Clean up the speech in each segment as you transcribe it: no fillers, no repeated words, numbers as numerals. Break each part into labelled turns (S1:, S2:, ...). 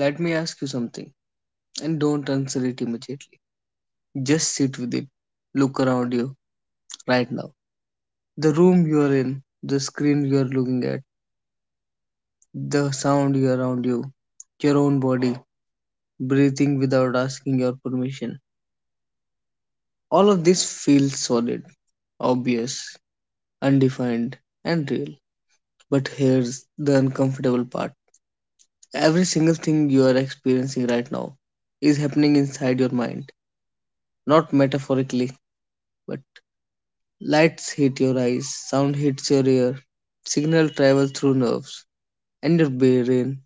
S1: Let me ask you something, and don't answer it immediately. Just sit with it. Look around you right now. The room you are in, the screen you are looking at, the sound you are around you, your own body, breathing without asking your permission. All of this feels solid, obvious, undefined, and real. But here's the uncomfortable part: every single thing you are experiencing right now is happening inside your mind, not metaphorically but. Lights hit your eyes, sound hits your ear, signal travel through nerves, and your brain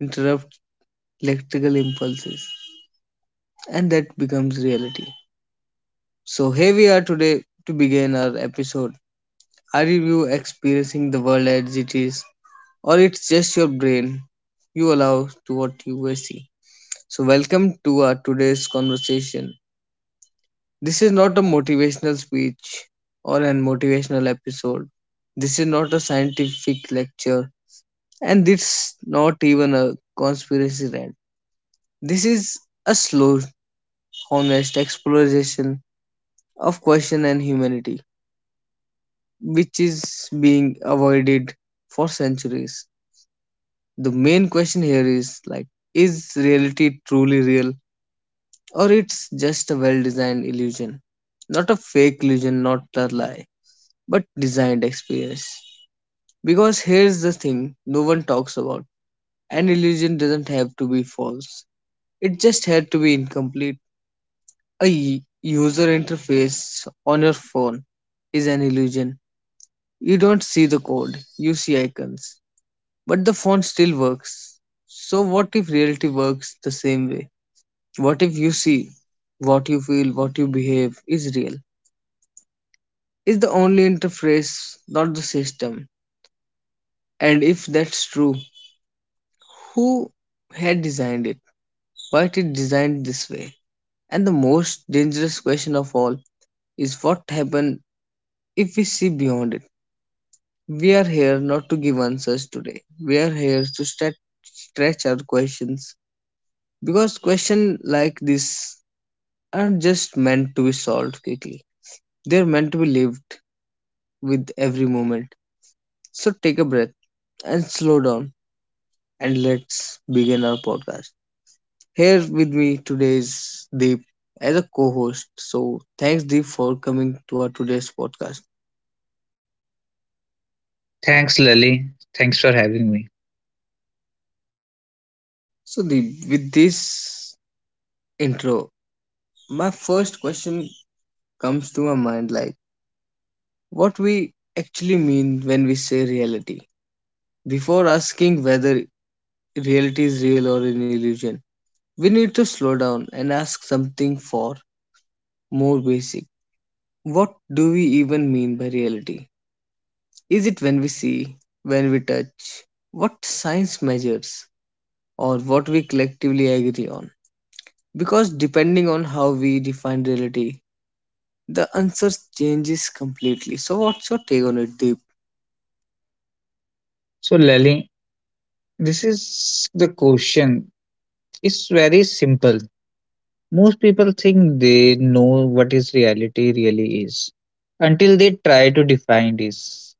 S1: interrupts electrical impulses, and that becomes reality. So here we are today to begin our episode. Are you experiencing the world as it is, or it's just your brain you allow to what you see? So welcome to our today's conversation. This is not a motivational speech or an motivational episode. This is not a scientific lecture. And it's not even a conspiracy rant. This is a slow, honest exploration of question and humanity, which is being avoided for centuries. The main question here is like, is reality truly real, or it's just a well-designed illusion? Not a fake illusion, not a lie, but designed experience. Because here's the thing no one talks about. An illusion doesn't have to be false. It just had to be incomplete. A user interface on your phone is an illusion. You don't see the code, you see icons. But the phone still works. So, what if reality works the same way? What if you see, what you feel, what you behave is real? Is the only interface, not the system? And if that's true, who had designed it? Why it is designed this way? And the most dangerous question of all is what happened. If we see beyond it, we are here not to give answers today. We are here to stretch our questions because questions like this aren't just meant to be solved quickly. They're meant to be lived with every moment. So take a breath and slow down and let's begin our podcast. Here with me today is Deep as a co-host. So thanks Deep for coming to our today's podcast.
S2: Thanks, Lally. Thanks for having me.
S1: So Deep, with this intro, my first question comes to my mind like what we actually mean when we say reality. Before asking whether reality is real or an illusion, we need to slow down and ask something for more basic. What do we even mean by reality? Is it when we see, when we touch, what science measures, or what we collectively agree on? Because depending on how we define reality, the answer changes completely. So, what's your take on it, Deep?
S2: So, Lally, this is the question. It's very simple. Most people think they know what is reality really is until they try to define this.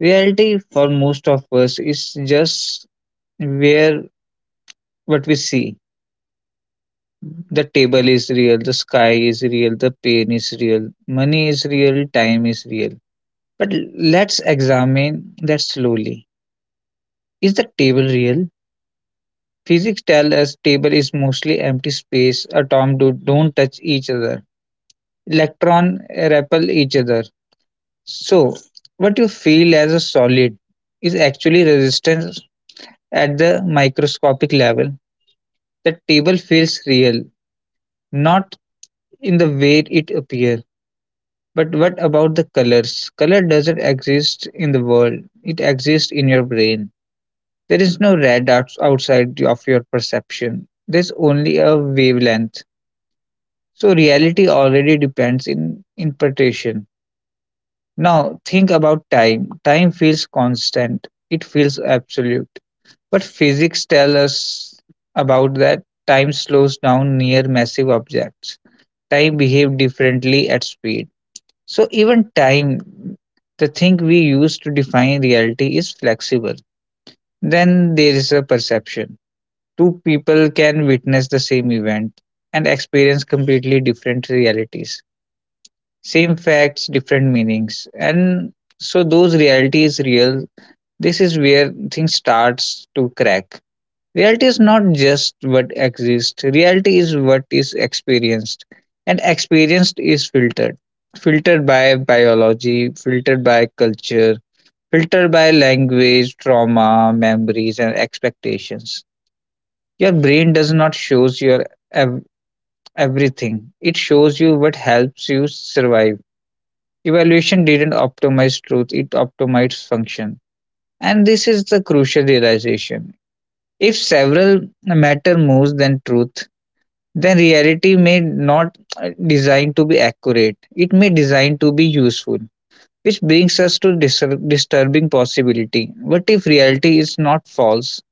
S2: Reality for most of us is just where what we see. The table is real, the sky is real, the pain is real, money is real, time is real. But let's examine that slowly. Is the table real? Physics tell us table is mostly empty space, don't touch each other. Electrons repel each other. So, what you feel as a solid is actually resistance at the microscopic level. The table feels real, not in the way it appears. But what about the colors? Color doesn't exist in the world, it exists in your brain. There is no red outside of your perception. There's only a wavelength. So reality already depends in interpretation. Now think about time. Time feels constant. It feels absolute. But physics tell us about that time slows down near massive objects. Time behaves differently at speed. So even time, the thing we use to define reality is flexible. Then there is a perception. Two people can witness the same event and experience completely different realities, same facts, different meanings. And so those reality is real, this is where things starts to crack. Reality is not just what exists, reality is what is experienced, and experienced is filtered, filtered by biology, filtered by culture, filtered by language, trauma, memories and expectations. Your brain does not shows your ev- everything, it shows you what helps you survive. Evaluation didn't optimize truth, it optimized function. And this is the crucial realization. If several matter more than truth, then reality may not designed to be accurate. It may designed to be useful. Which brings us to disturbing possibility. What if reality is not false?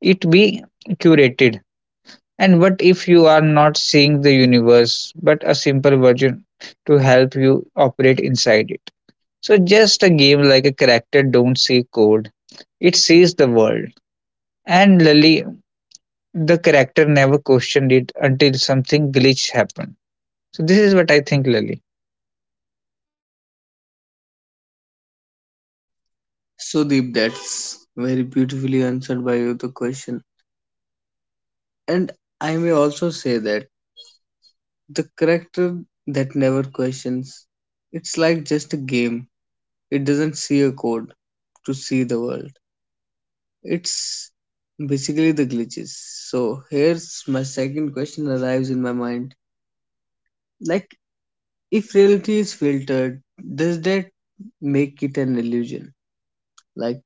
S2: It be curated. And what if you are not seeing the universe, but a simple version to help you operate inside it? So just a game, like a character don't see code. It sees the world. And Lily, the character never questioned it until something glitch happened. So this is what I think, Lily.
S1: So Deep, that's very beautifully answered by you the question. And I may also say that the character that never questions, it's like just a game. It doesn't see a code to see the world. It's basically the glitches. So here's my second question arrives in my mind. Like if reality is filtered, does that make it an illusion? Like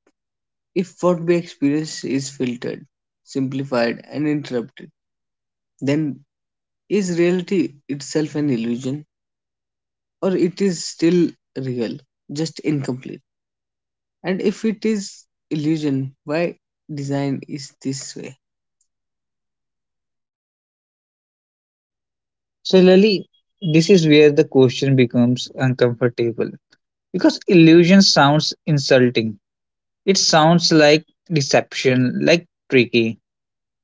S1: if what we experience is filtered, simplified and interrupted, then is reality itself an illusion, or it is still real, just incomplete? And if it is illusion, why design is this way?
S2: So Lily, this is where the question becomes uncomfortable. Because illusion sounds insulting. It sounds like deception, like tricky.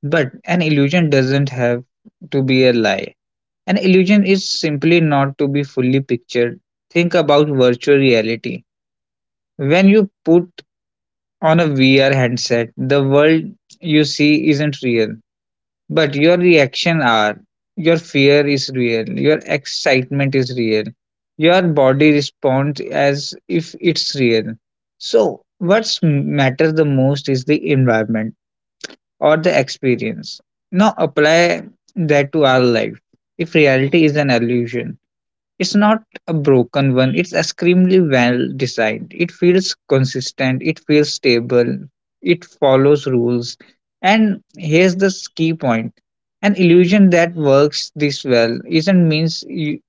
S2: But an illusion doesn't have to be a lie. An illusion is simply not to be fully pictured. Think about virtual reality. When you put on a VR headset, the world you see isn't real, but your reaction are. Your fear is real, your excitement is real, your body responds as if it's real. So, what's matters the most is the environment or the experience. Now apply that to our life. If reality is an illusion, it's not a broken one, it's extremely well designed. It feels consistent, it feels stable, it follows rules. And here's the key point, an illusion that works this well isn't means you,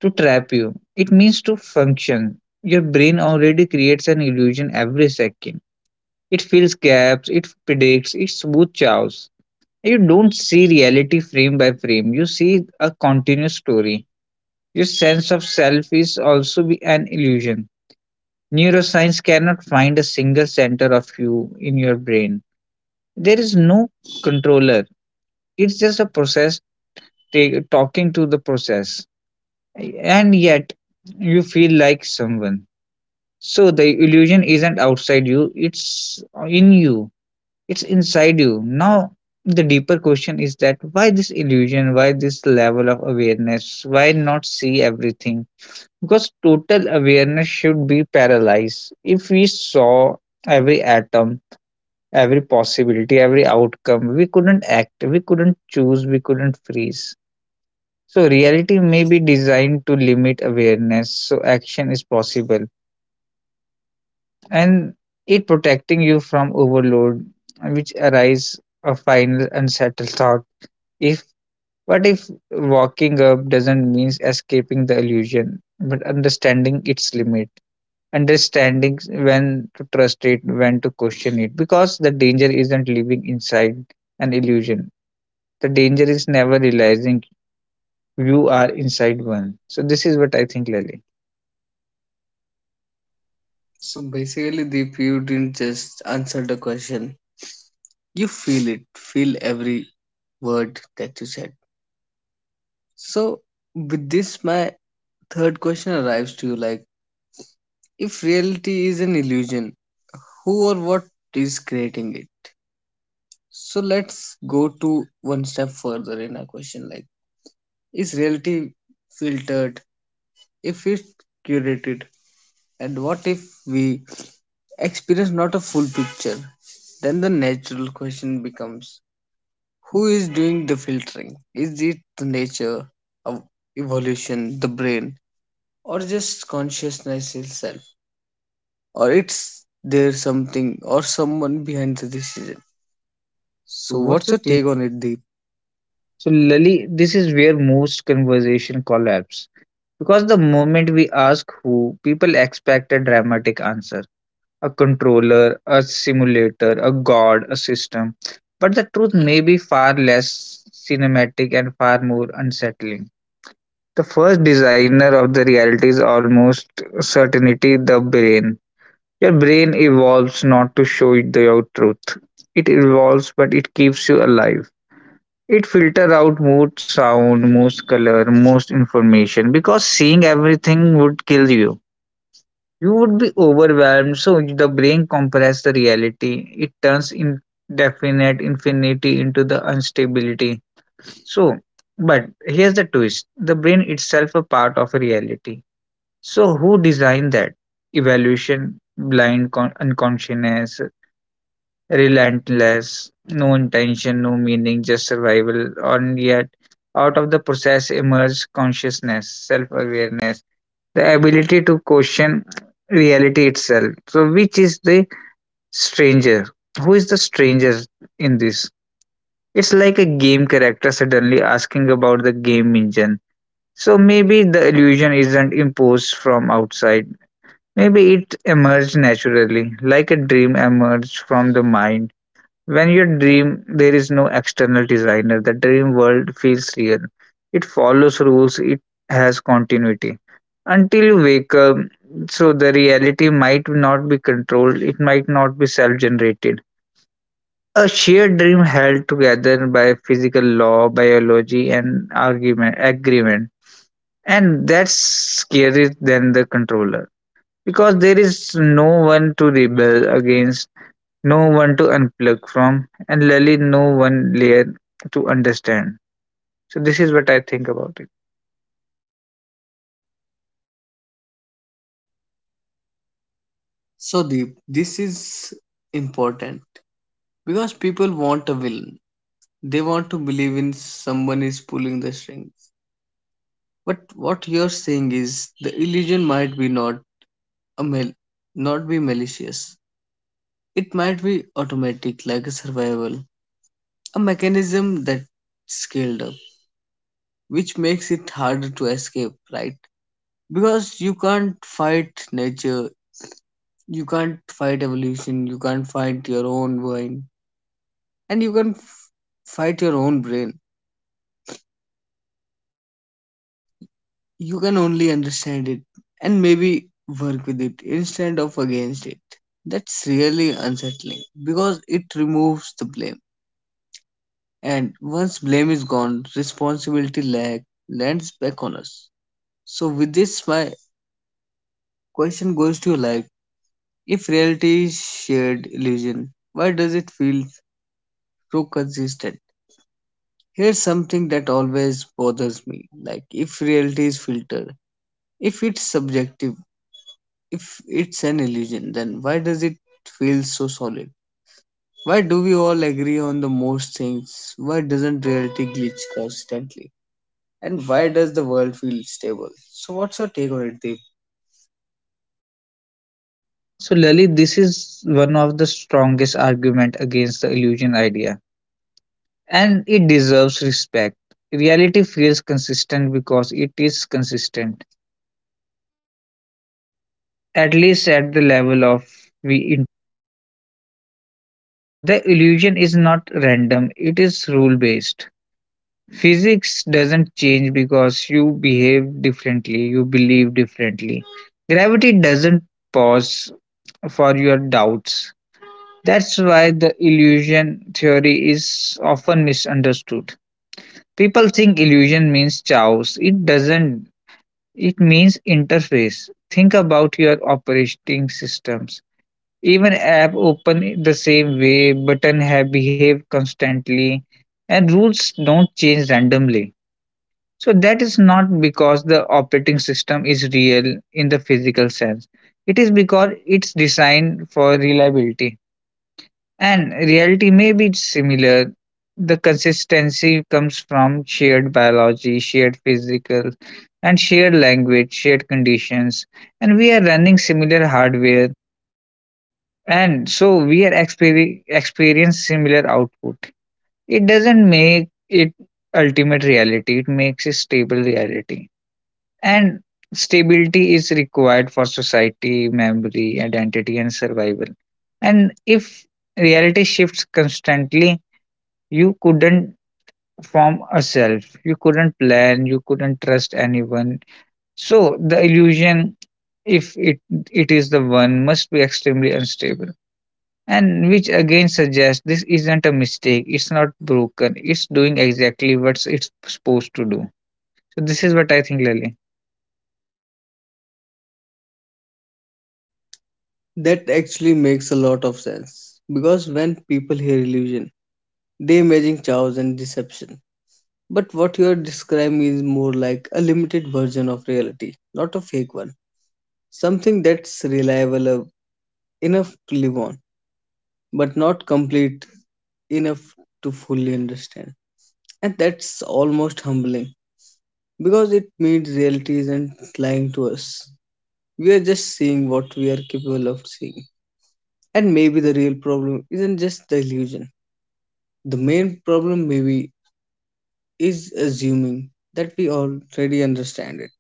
S2: to trap you, it means to function. Your brain already creates an illusion every second. It fills gaps, it predicts, it smooths chaos. You don't see reality frame by frame, you see a continuous story. Your sense of self is also be an illusion. Neuroscience cannot find a single center of you in your brain. There is no controller. It's just a process talking to the process. And yet, you feel like someone. So the illusion isn't outside you, it's in you, it's inside you. Now, the deeper question is that why this illusion, why this level of awareness, why not see everything? Because total awareness should be paralyzed. If we saw every atom, every possibility, every outcome, we couldn't act, we couldn't choose, we couldn't freeze. So, reality may be designed to limit awareness, so action is possible. And it protecting you from overload, which arise a final unsettled thought. If what if walking up doesn't mean escaping the illusion, but understanding its limit? Understanding when to trust it, when to question it, because the danger isn't living inside an illusion. The danger is never realizing you are inside one. So this is what I think, Lily. So
S1: So basically, Deep, you didn't just answer the question. You feel it. Feel every word that you said. So with this, my third question arrives to you like, if reality is an illusion, who or what is creating it? So let's go to one step further in our question, like, is reality filtered, if it's curated, and what if we experience not a full picture, then the natural question becomes, who is doing the filtering? Is it the nature of evolution, the brain, or just consciousness itself, or it's there something or someone behind the decision? So
S2: what's
S1: what's
S2: your
S1: your
S2: take?
S1: take on it, Deep?
S2: So, Lali, this is where most conversation collapse because the moment we ask who, people expect a dramatic answer, a controller, a simulator, a god, a system. But the truth may be far less cinematic and far more unsettling. The first designer of the reality is almost certainty, the brain. Your brain evolves not to show you the truth. It evolves, but it keeps you alive. It filters out most sound, most color, most information because seeing everything would kill you. You would be overwhelmed, so the brain compresses the reality. It turns indefinite infinity into the instability. So, but here's the twist, the brain itself a part of reality, so who designed that? Evaluation, blind unconsciousness, relentless, no intention, no meaning, just survival, and yet out of the process emerge consciousness, self-awareness, the ability to question reality itself. So which is the stranger? Who is the stranger in this? It's like a game character suddenly asking about the game engine. So maybe the illusion isn't imposed from outside. Maybe it emerged naturally, like a dream emerged from the mind. When you dream, there is no external designer. The dream world feels real. It follows rules, it has continuity. Until you wake up, so the reality might not be controlled, it might not be self generated. A shared dream held together by physical law, biology, and argument, agreement. And that's scarier than the controller because there is no one to rebel against, no one to unplug from, and Lali, no one layer to understand. So this is what I think about it.
S1: So Deep, this is important because people want a villain. They want to believe in someone is pulling the strings. But what you're saying is the illusion might be a mal- not be malicious. It might be automatic, like a survival, a mechanism that's scaled up, which makes it harder to escape, right? Because you can't fight nature, you can't fight evolution, you can't fight your own mind, and you can't fight your own brain. You can only understand it and maybe work with it instead of against it. That's really unsettling because it removes the blame. And once blame is gone, responsibility lag lands back on us. So with this my question goes to you like, if reality is shared illusion, why does it feel so consistent? Here's something that always bothers me. Like if reality is filtered, if it's subjective, if it's an illusion, then why does it feel so solid? Why do we all agree on the most things? Why doesn't reality glitch constantly? And why does the world feel stable? So, what's your take on it, Deep?
S2: So Lali, this is one of the strongest argument against the illusion idea, and it deserves respect. Reality feels consistent because it is consistent, at least at the level of we. The illusion is not random; it is rule based. Physics doesn't change because you behave differently, you believe differently. Gravity doesn't pause for your doubts. That's why the illusion theory is often misunderstood. People think illusion means chaos. It doesn't. It means interface. Think about your operating systems. Even app open the same way, button have behave constantly, and rules don't change randomly. So that is not because the operating system is real in the physical sense. It is because it's designed for reliability. And reality may be similar. The consistency comes from shared biology, shared physical, and shared language, shared conditions. And we are running similar hardware. And so we are experience similar output. It doesn't make it ultimate reality. It makes a stable reality. And stability is required for society, memory, identity, and survival. And if reality shifts constantly, you couldn't form a self, you couldn't plan, you couldn't trust anyone. So the illusion, if it is the one, must be extremely unstable. And which again suggests this isn't a mistake, it's not broken, it's doing exactly what it's supposed to do. So this is what I think, Lily.
S1: That actually makes a lot of sense because when people hear illusion, they imagine chaos and deception. But what you are describing is more like a limited version of reality, not a fake one. Something that's reliable enough to live on, but not complete enough to fully understand. And that's almost humbling because it means reality isn't lying to us. We are just seeing what we are capable of seeing. And maybe the real problem isn't just the illusion. The main problem, maybe, is assuming that we already understand it.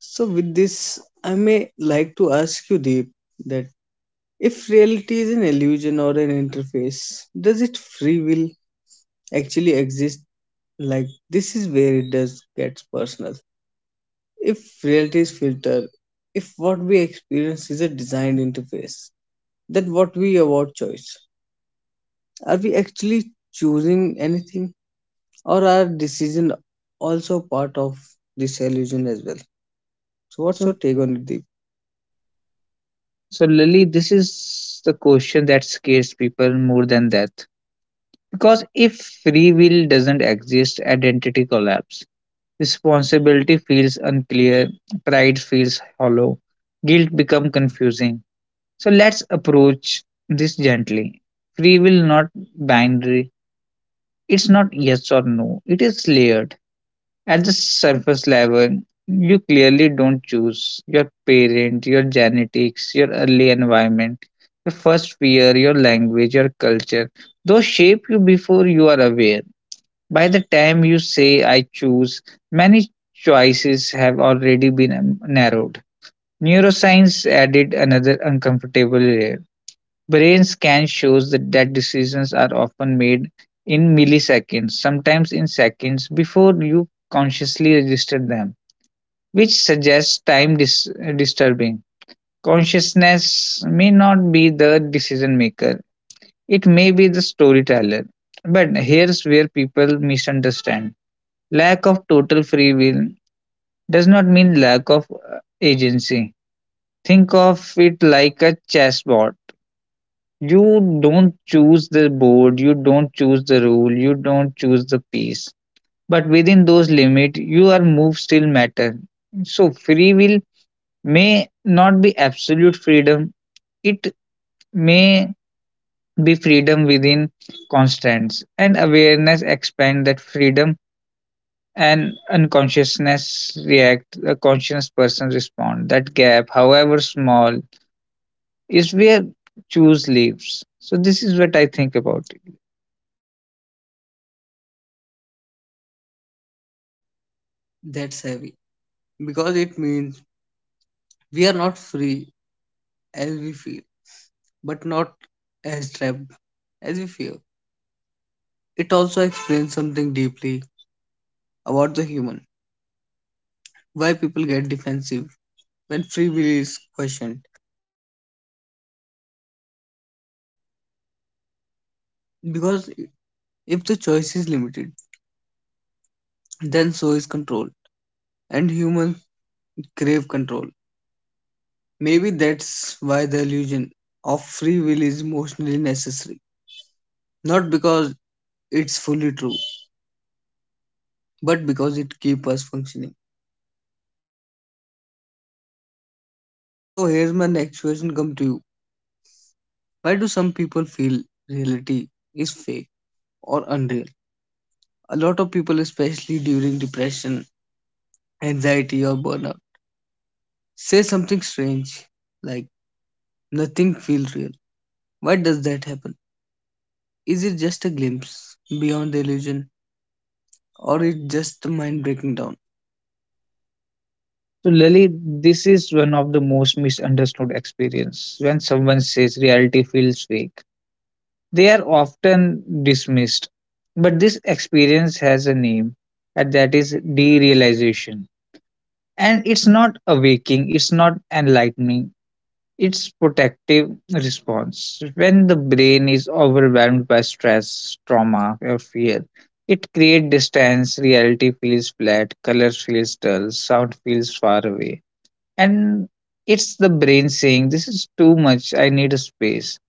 S1: So, with this, I may like to ask you, Deep, that if reality is an illusion or an interface, does it free will actually exist? Like, this is where it does gets personal. If reality is filtered, if what we experience is a designed interface, then what we award choice, are we actually choosing anything, or are decision also part of this illusion as well? So what's your take on it, Deep?
S2: So, Lily, this is the question that scares people more than death. Because if free will doesn't exist, identity collapse. Responsibility feels unclear, pride feels hollow, guilt become confusing. So let's approach this gently. Free will not binary. It's not yes or no. It is layered. At the surface level, you clearly don't choose your parent, your genetics, your early environment, your first fear, your language, your culture. Those shape you before you are aware. By the time you say, I choose, many choices have already been narrowed. Neuroscience added another uncomfortable layer. Brain scan shows that decisions are often made in milliseconds, sometimes in seconds, before you consciously register them, which suggests time disturbing. Consciousness may not be the decision maker, it may be the storyteller. But here's where people misunderstand, lack of total free will does not mean lack of agency. Think of it like a chessboard. You don't choose the board, you don't choose the rule, you don't choose the piece. But within those limits, your move still matter. So free will may not be absolute freedom. It may be freedom within constraints, and awareness expand that freedom and unconsciousness react. A conscious person respond. That gap, however small, is where choose lives. So this is what I think about.
S1: That's heavy because it means we are not free as we feel, but not as trapped as we feel. It also explains something deeply about the human, why people get defensive when free will is questioned. Because if the choice is limited, then so is control, and humans crave control. Maybe that's why the illusion of free will is emotionally necessary, not because it's fully true, but because it keeps us functioning. So here's my next question come to you. Why do some people feel reality is fake or unreal? A lot of people, especially during depression, anxiety, or burnout, say something strange like nothing feels real. Why does that happen? Is it just a glimpse beyond the illusion, or is it just the mind breaking down?
S2: So Lily, this is one of the most misunderstood experience. When someone says reality feels fake, they are often dismissed. But this experience has a name, and that is derealization. And it's not awaking, it's not enlightening, it's protective response. When the brain is overwhelmed by stress, trauma, or fear, it creates distance, reality feels flat, colors feels dull, sound feels far away and it's the brain saying, "This is too much, I need a space."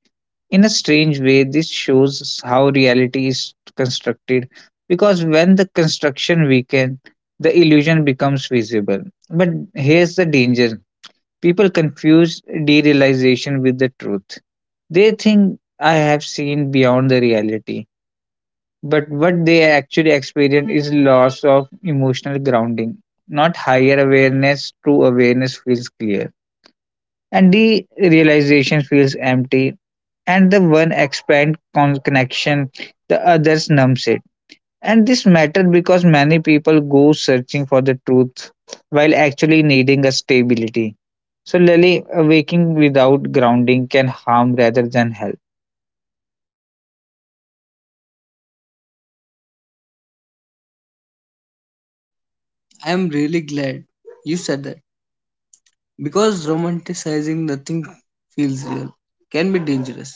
S2: In a strange way, this shows how reality is constructed because when the construction weakens, the illusion becomes visible. But here's the danger. People confuse derealization with the truth. They think I have seen beyond the reality, but what they actually experience is loss of emotional grounding, not higher awareness. True awareness feels clear and the realization feels empty, and the one expand connection, the others numbs it. And this matters because many people go searching for the truth while actually needing a stability. So Lily, waking without grounding can harm rather than help.
S1: I am really glad you said that because romanticizing nothing feels real can be dangerous.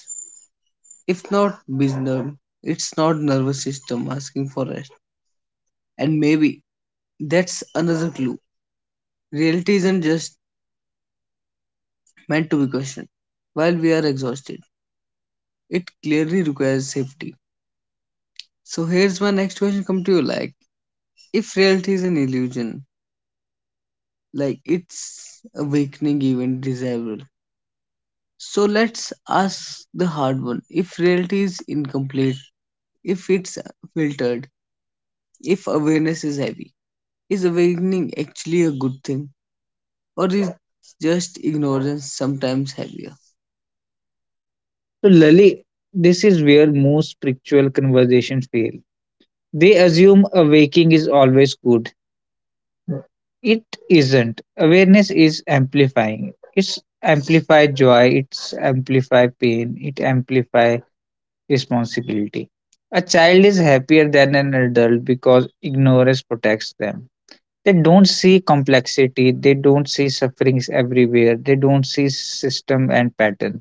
S1: If not bizarre, it's not nervous system asking for rest. And maybe that's another clue. Reality isn't just meant to be questioned while we are exhausted. It clearly requires safety. So here's my next question come to you like, if reality is an illusion, like, it's awakening even desirable. So let's ask the hard one. If reality is incomplete, if it's filtered, if awareness is heavy, is awakening actually a good thing? Or is just ignorance sometimes heavier?
S2: So Lily, this is where most spiritual conversations fail. They assume awaking is always good. It isn't. Awareness is amplifying. It's amplify joy, it's amplify pain, it amplify responsibility. A child is happier than an adult because ignorance protects them. They don't see complexity, they don't see sufferings everywhere, they don't see system and pattern.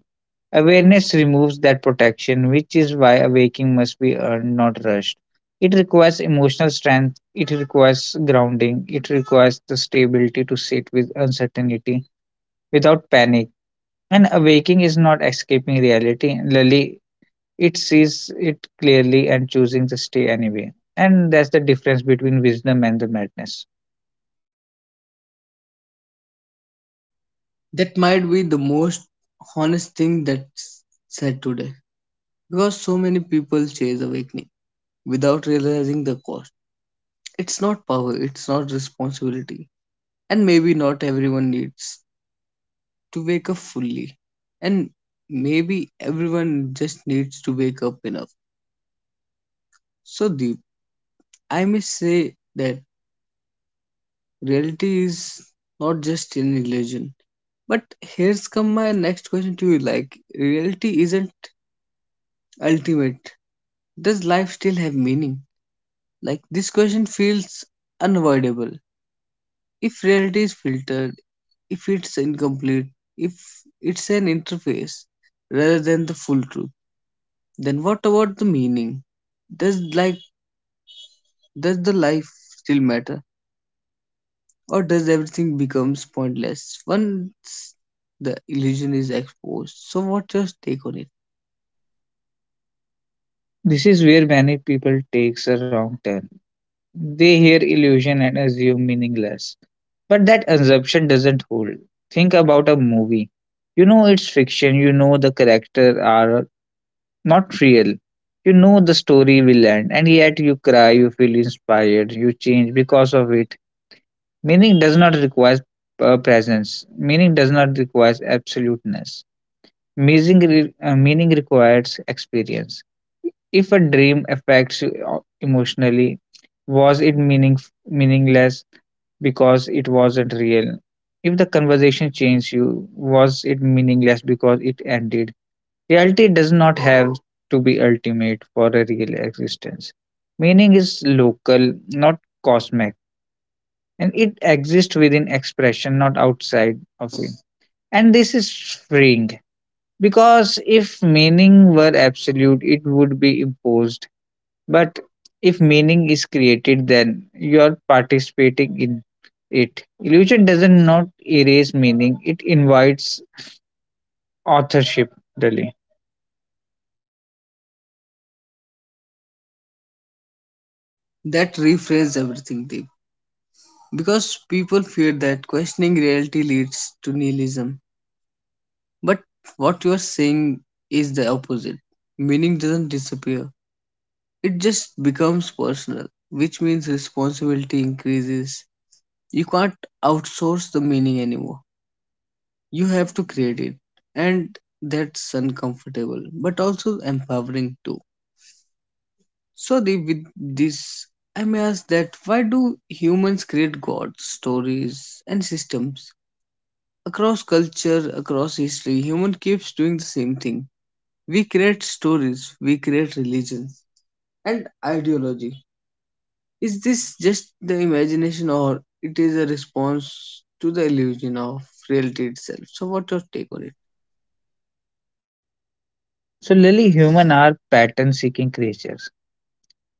S2: Awareness removes that protection, which is why awakening must be earned, not rushed. It requires emotional strength, it requires grounding, it requires the stability to sit with uncertainty without panic. And awaking is not escaping reality, Lily, it sees it clearly and choosing to stay anyway. And that's the difference between wisdom and the madness.
S1: That might be the most honest thing that's said today. Because so many people chase awakening without realizing the cost. It's not power, it's not responsibility. And maybe not everyone needs to wake up fully. And maybe everyone just needs to wake up enough. So, Deep, I may say that reality is not just an illusion. But here's come my next question to you like, reality isn't ultimate. Does life still have meaning? Like, this question feels unavoidable. If reality is filtered, if it's incomplete, if it's an interface rather than the full truth, then what about the meaning? Does like does the life still matter, or does everything becomes pointless once the illusion is exposed? So what's your take on it?
S2: This is where many people takes a wrong turn. They hear illusion and assume meaningless. But that assumption doesn't hold. Think about a movie. You know it's fiction, you know the characters are not real. You know the story will end, and yet you cry, you feel inspired, you change because of it. Meaning does not require presence, meaning does not require absoluteness. Meaning requires experience. If a dream affects you emotionally, was it meaningless because it wasn't real? If the conversation changed you, was it meaningless because it ended? Reality does not have to be ultimate for a real existence. Meaning is local, not cosmic, and it exists within expression, not outside of it. And this is freeing. Because if meaning were absolute, it would be imposed. But if meaning is created, then you are participating in it. Illusion doesn't not erase meaning, it invites authorship, Lily.
S1: That reframes everything, Deep. Because people fear that questioning reality leads to nihilism. But what you're saying is the opposite. Meaning doesn't disappear, it just becomes personal, which means responsibility increases. You can't outsource the meaning anymore, you have to create it, and that's uncomfortable but also empowering too. So, the, with this, I may ask that why do humans create gods, stories and systems? Across culture, across history, human keeps doing the same thing. We create stories, we create religions and ideology. Is this just the imagination, or it is a response to the illusion of reality itself? So what's
S2: What
S1: your
S2: your take
S1: take on
S2: on
S1: it?
S2: it? So, Lily, human are pattern seeking creatures.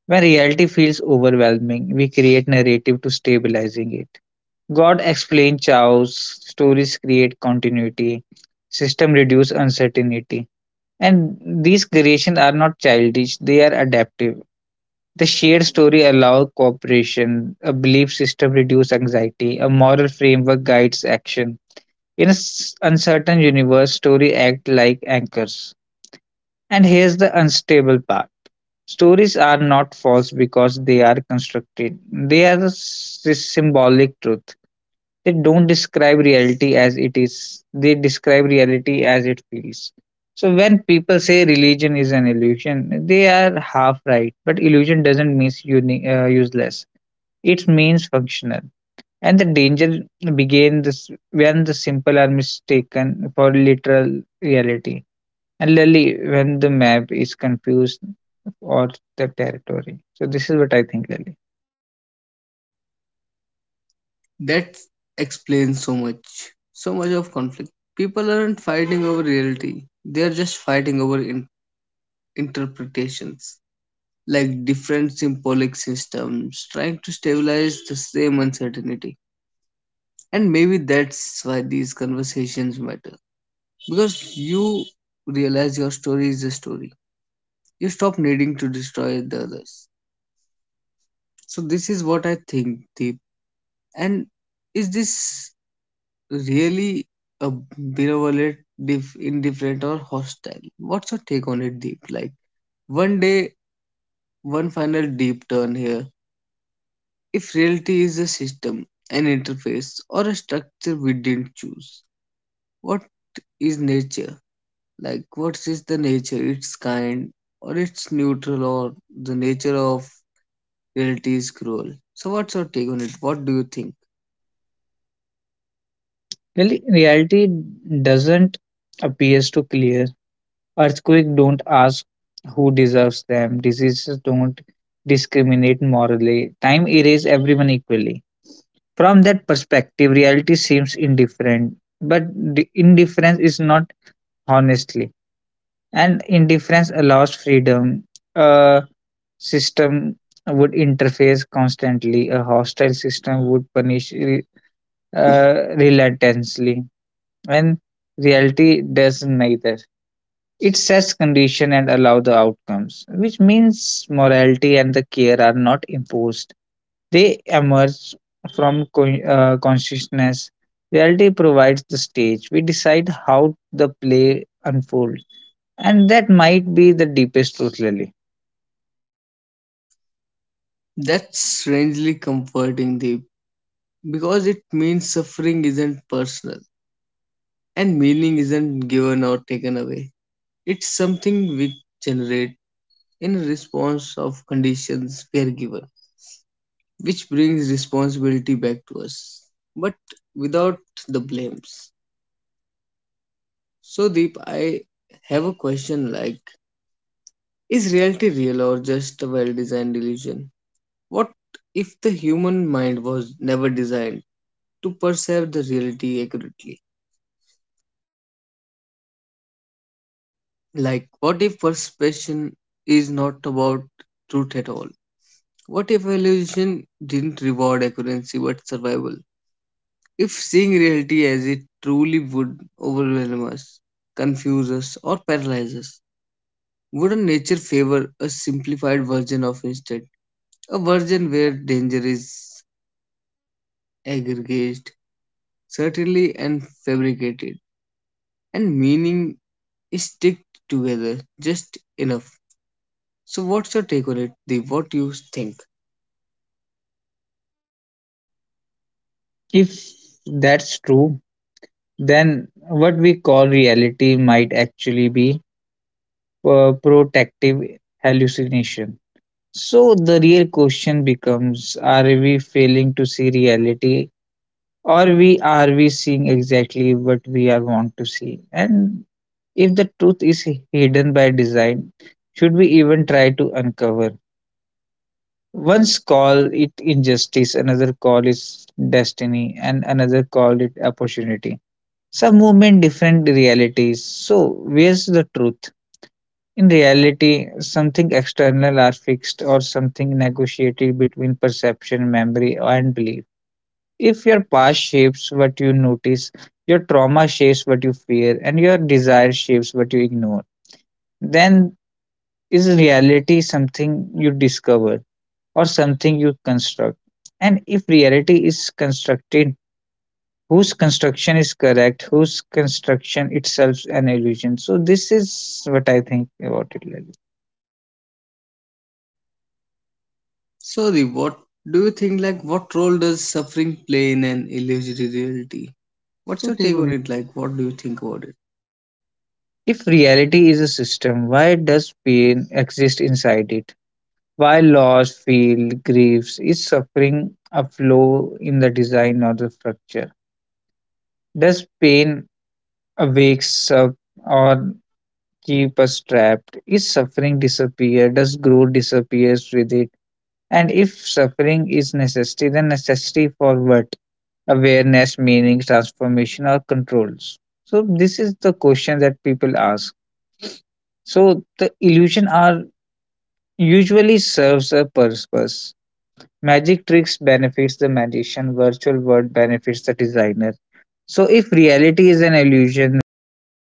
S2: When reality feels overwhelming, we create narrative to stabilizing it. God explains chaos, stories create continuity, system reduce uncertainty. And these creations are not childish, they are adaptive. The shared story allows cooperation, a belief system reduces anxiety, a moral framework guides action. In an uncertain universe, stories act like anchors. And here's the unstable part. Stories are not false because they are constructed. They are a symbolic truth. They don't describe reality as it is, they describe reality as it feels. So when people say religion is an illusion, they are half right. But illusion doesn't mean useless, it means functional. And the danger begins when the simple are mistaken for literal reality. And literally when the map is confused or the territory. So this is what I think, Lily.
S1: That explains so much, so much of conflict. People aren't fighting over reality, they're just fighting over interpretations, like different symbolic systems trying to stabilize the same uncertainty. And maybe that's why these conversations matter, because you realize your story is a story. You stop needing to destroy the others. So, this is what I think, Deep. And is this really uh, benevolent, indifferent, or hostile? What's your take on it, Deep? Like, one day, one final deep turn here. If reality is a system, an interface, or a structure we didn't choose, what is nature? Like, what is the nature? It's kind, or it's neutral, or the nature of reality is cruel. So, what's your take on it? What do you think?
S2: Really, reality doesn't appears to clear. Earthquake don't ask who deserves them. Diseases don't discriminate morally. Time erases everyone equally. From that perspective, reality seems indifferent, but the indifference is not honestly. And indifference allows freedom. A system would interface constantly. A hostile system would punish relentlessly. And reality does neither. It sets condition and allow the outcomes, which means morality and the care are not imposed. They emerge from consciousness. Reality provides the stage. We decide how the play unfolds, and that might be the deepest truth, Lily.
S1: That's strangely comforting, Deep, because it means suffering isn't personal. And meaning isn't given or taken away. It's something we generate in response of conditions we are given, which brings responsibility back to us, but without the blames. So Deep, I have a question like, is reality real or just a well-designed illusion? What if the human mind was never designed to perceive the reality accurately? Like, what if perception is not about truth at all? What if evolution didn't reward accuracy but survival? If seeing reality as it truly would overwhelm us, confuse us, or paralyze us, wouldn't nature favor a simplified version of instead? A version where danger is aggregated, certainly and fabricated, and meaning is sticked together just enough. So, what's your take on it, Deep? What do you think?
S2: If that's true, then what we call reality might actually be protective hallucination. So the real question becomes, are we failing to see reality or we seeing exactly what we are want to see? And if the truth is hidden by design, should we even try to uncover? Once call it injustice, another call is destiny, and another call it opportunity. Some movement different realities, so where's the truth in reality? Something external are fixed or something negotiated between perception, memory, and belief. If your past shapes what you notice, your trauma shapes what you fear, and your desire shapes what you ignore, then is reality something you discover or something you construct? And if reality is constructed, whose construction is correct, whose construction itself an illusion? So this is what I think about it, Lalit.
S1: Sorry, what do you think? Like, what role does suffering play in an illusory reality? What's
S2: What's
S1: your
S2: your
S1: take
S2: take
S1: on
S2: on it?
S1: it? Like, what do you think about it?
S2: If reality is a system, why does pain exist inside it? Why loss, feel, griefs? Is suffering a flaw in the design or the structure? Does pain awake up or keep us trapped? Is suffering disappear? Does growth disappears with it? And if suffering is necessity, then necessity for what? Awareness, meaning, transformation, or controls. So this is the question that people ask. So the illusion are usually serves a purpose. Magic tricks benefits the magician, virtual world benefits the designer. So if reality is an illusion, who gains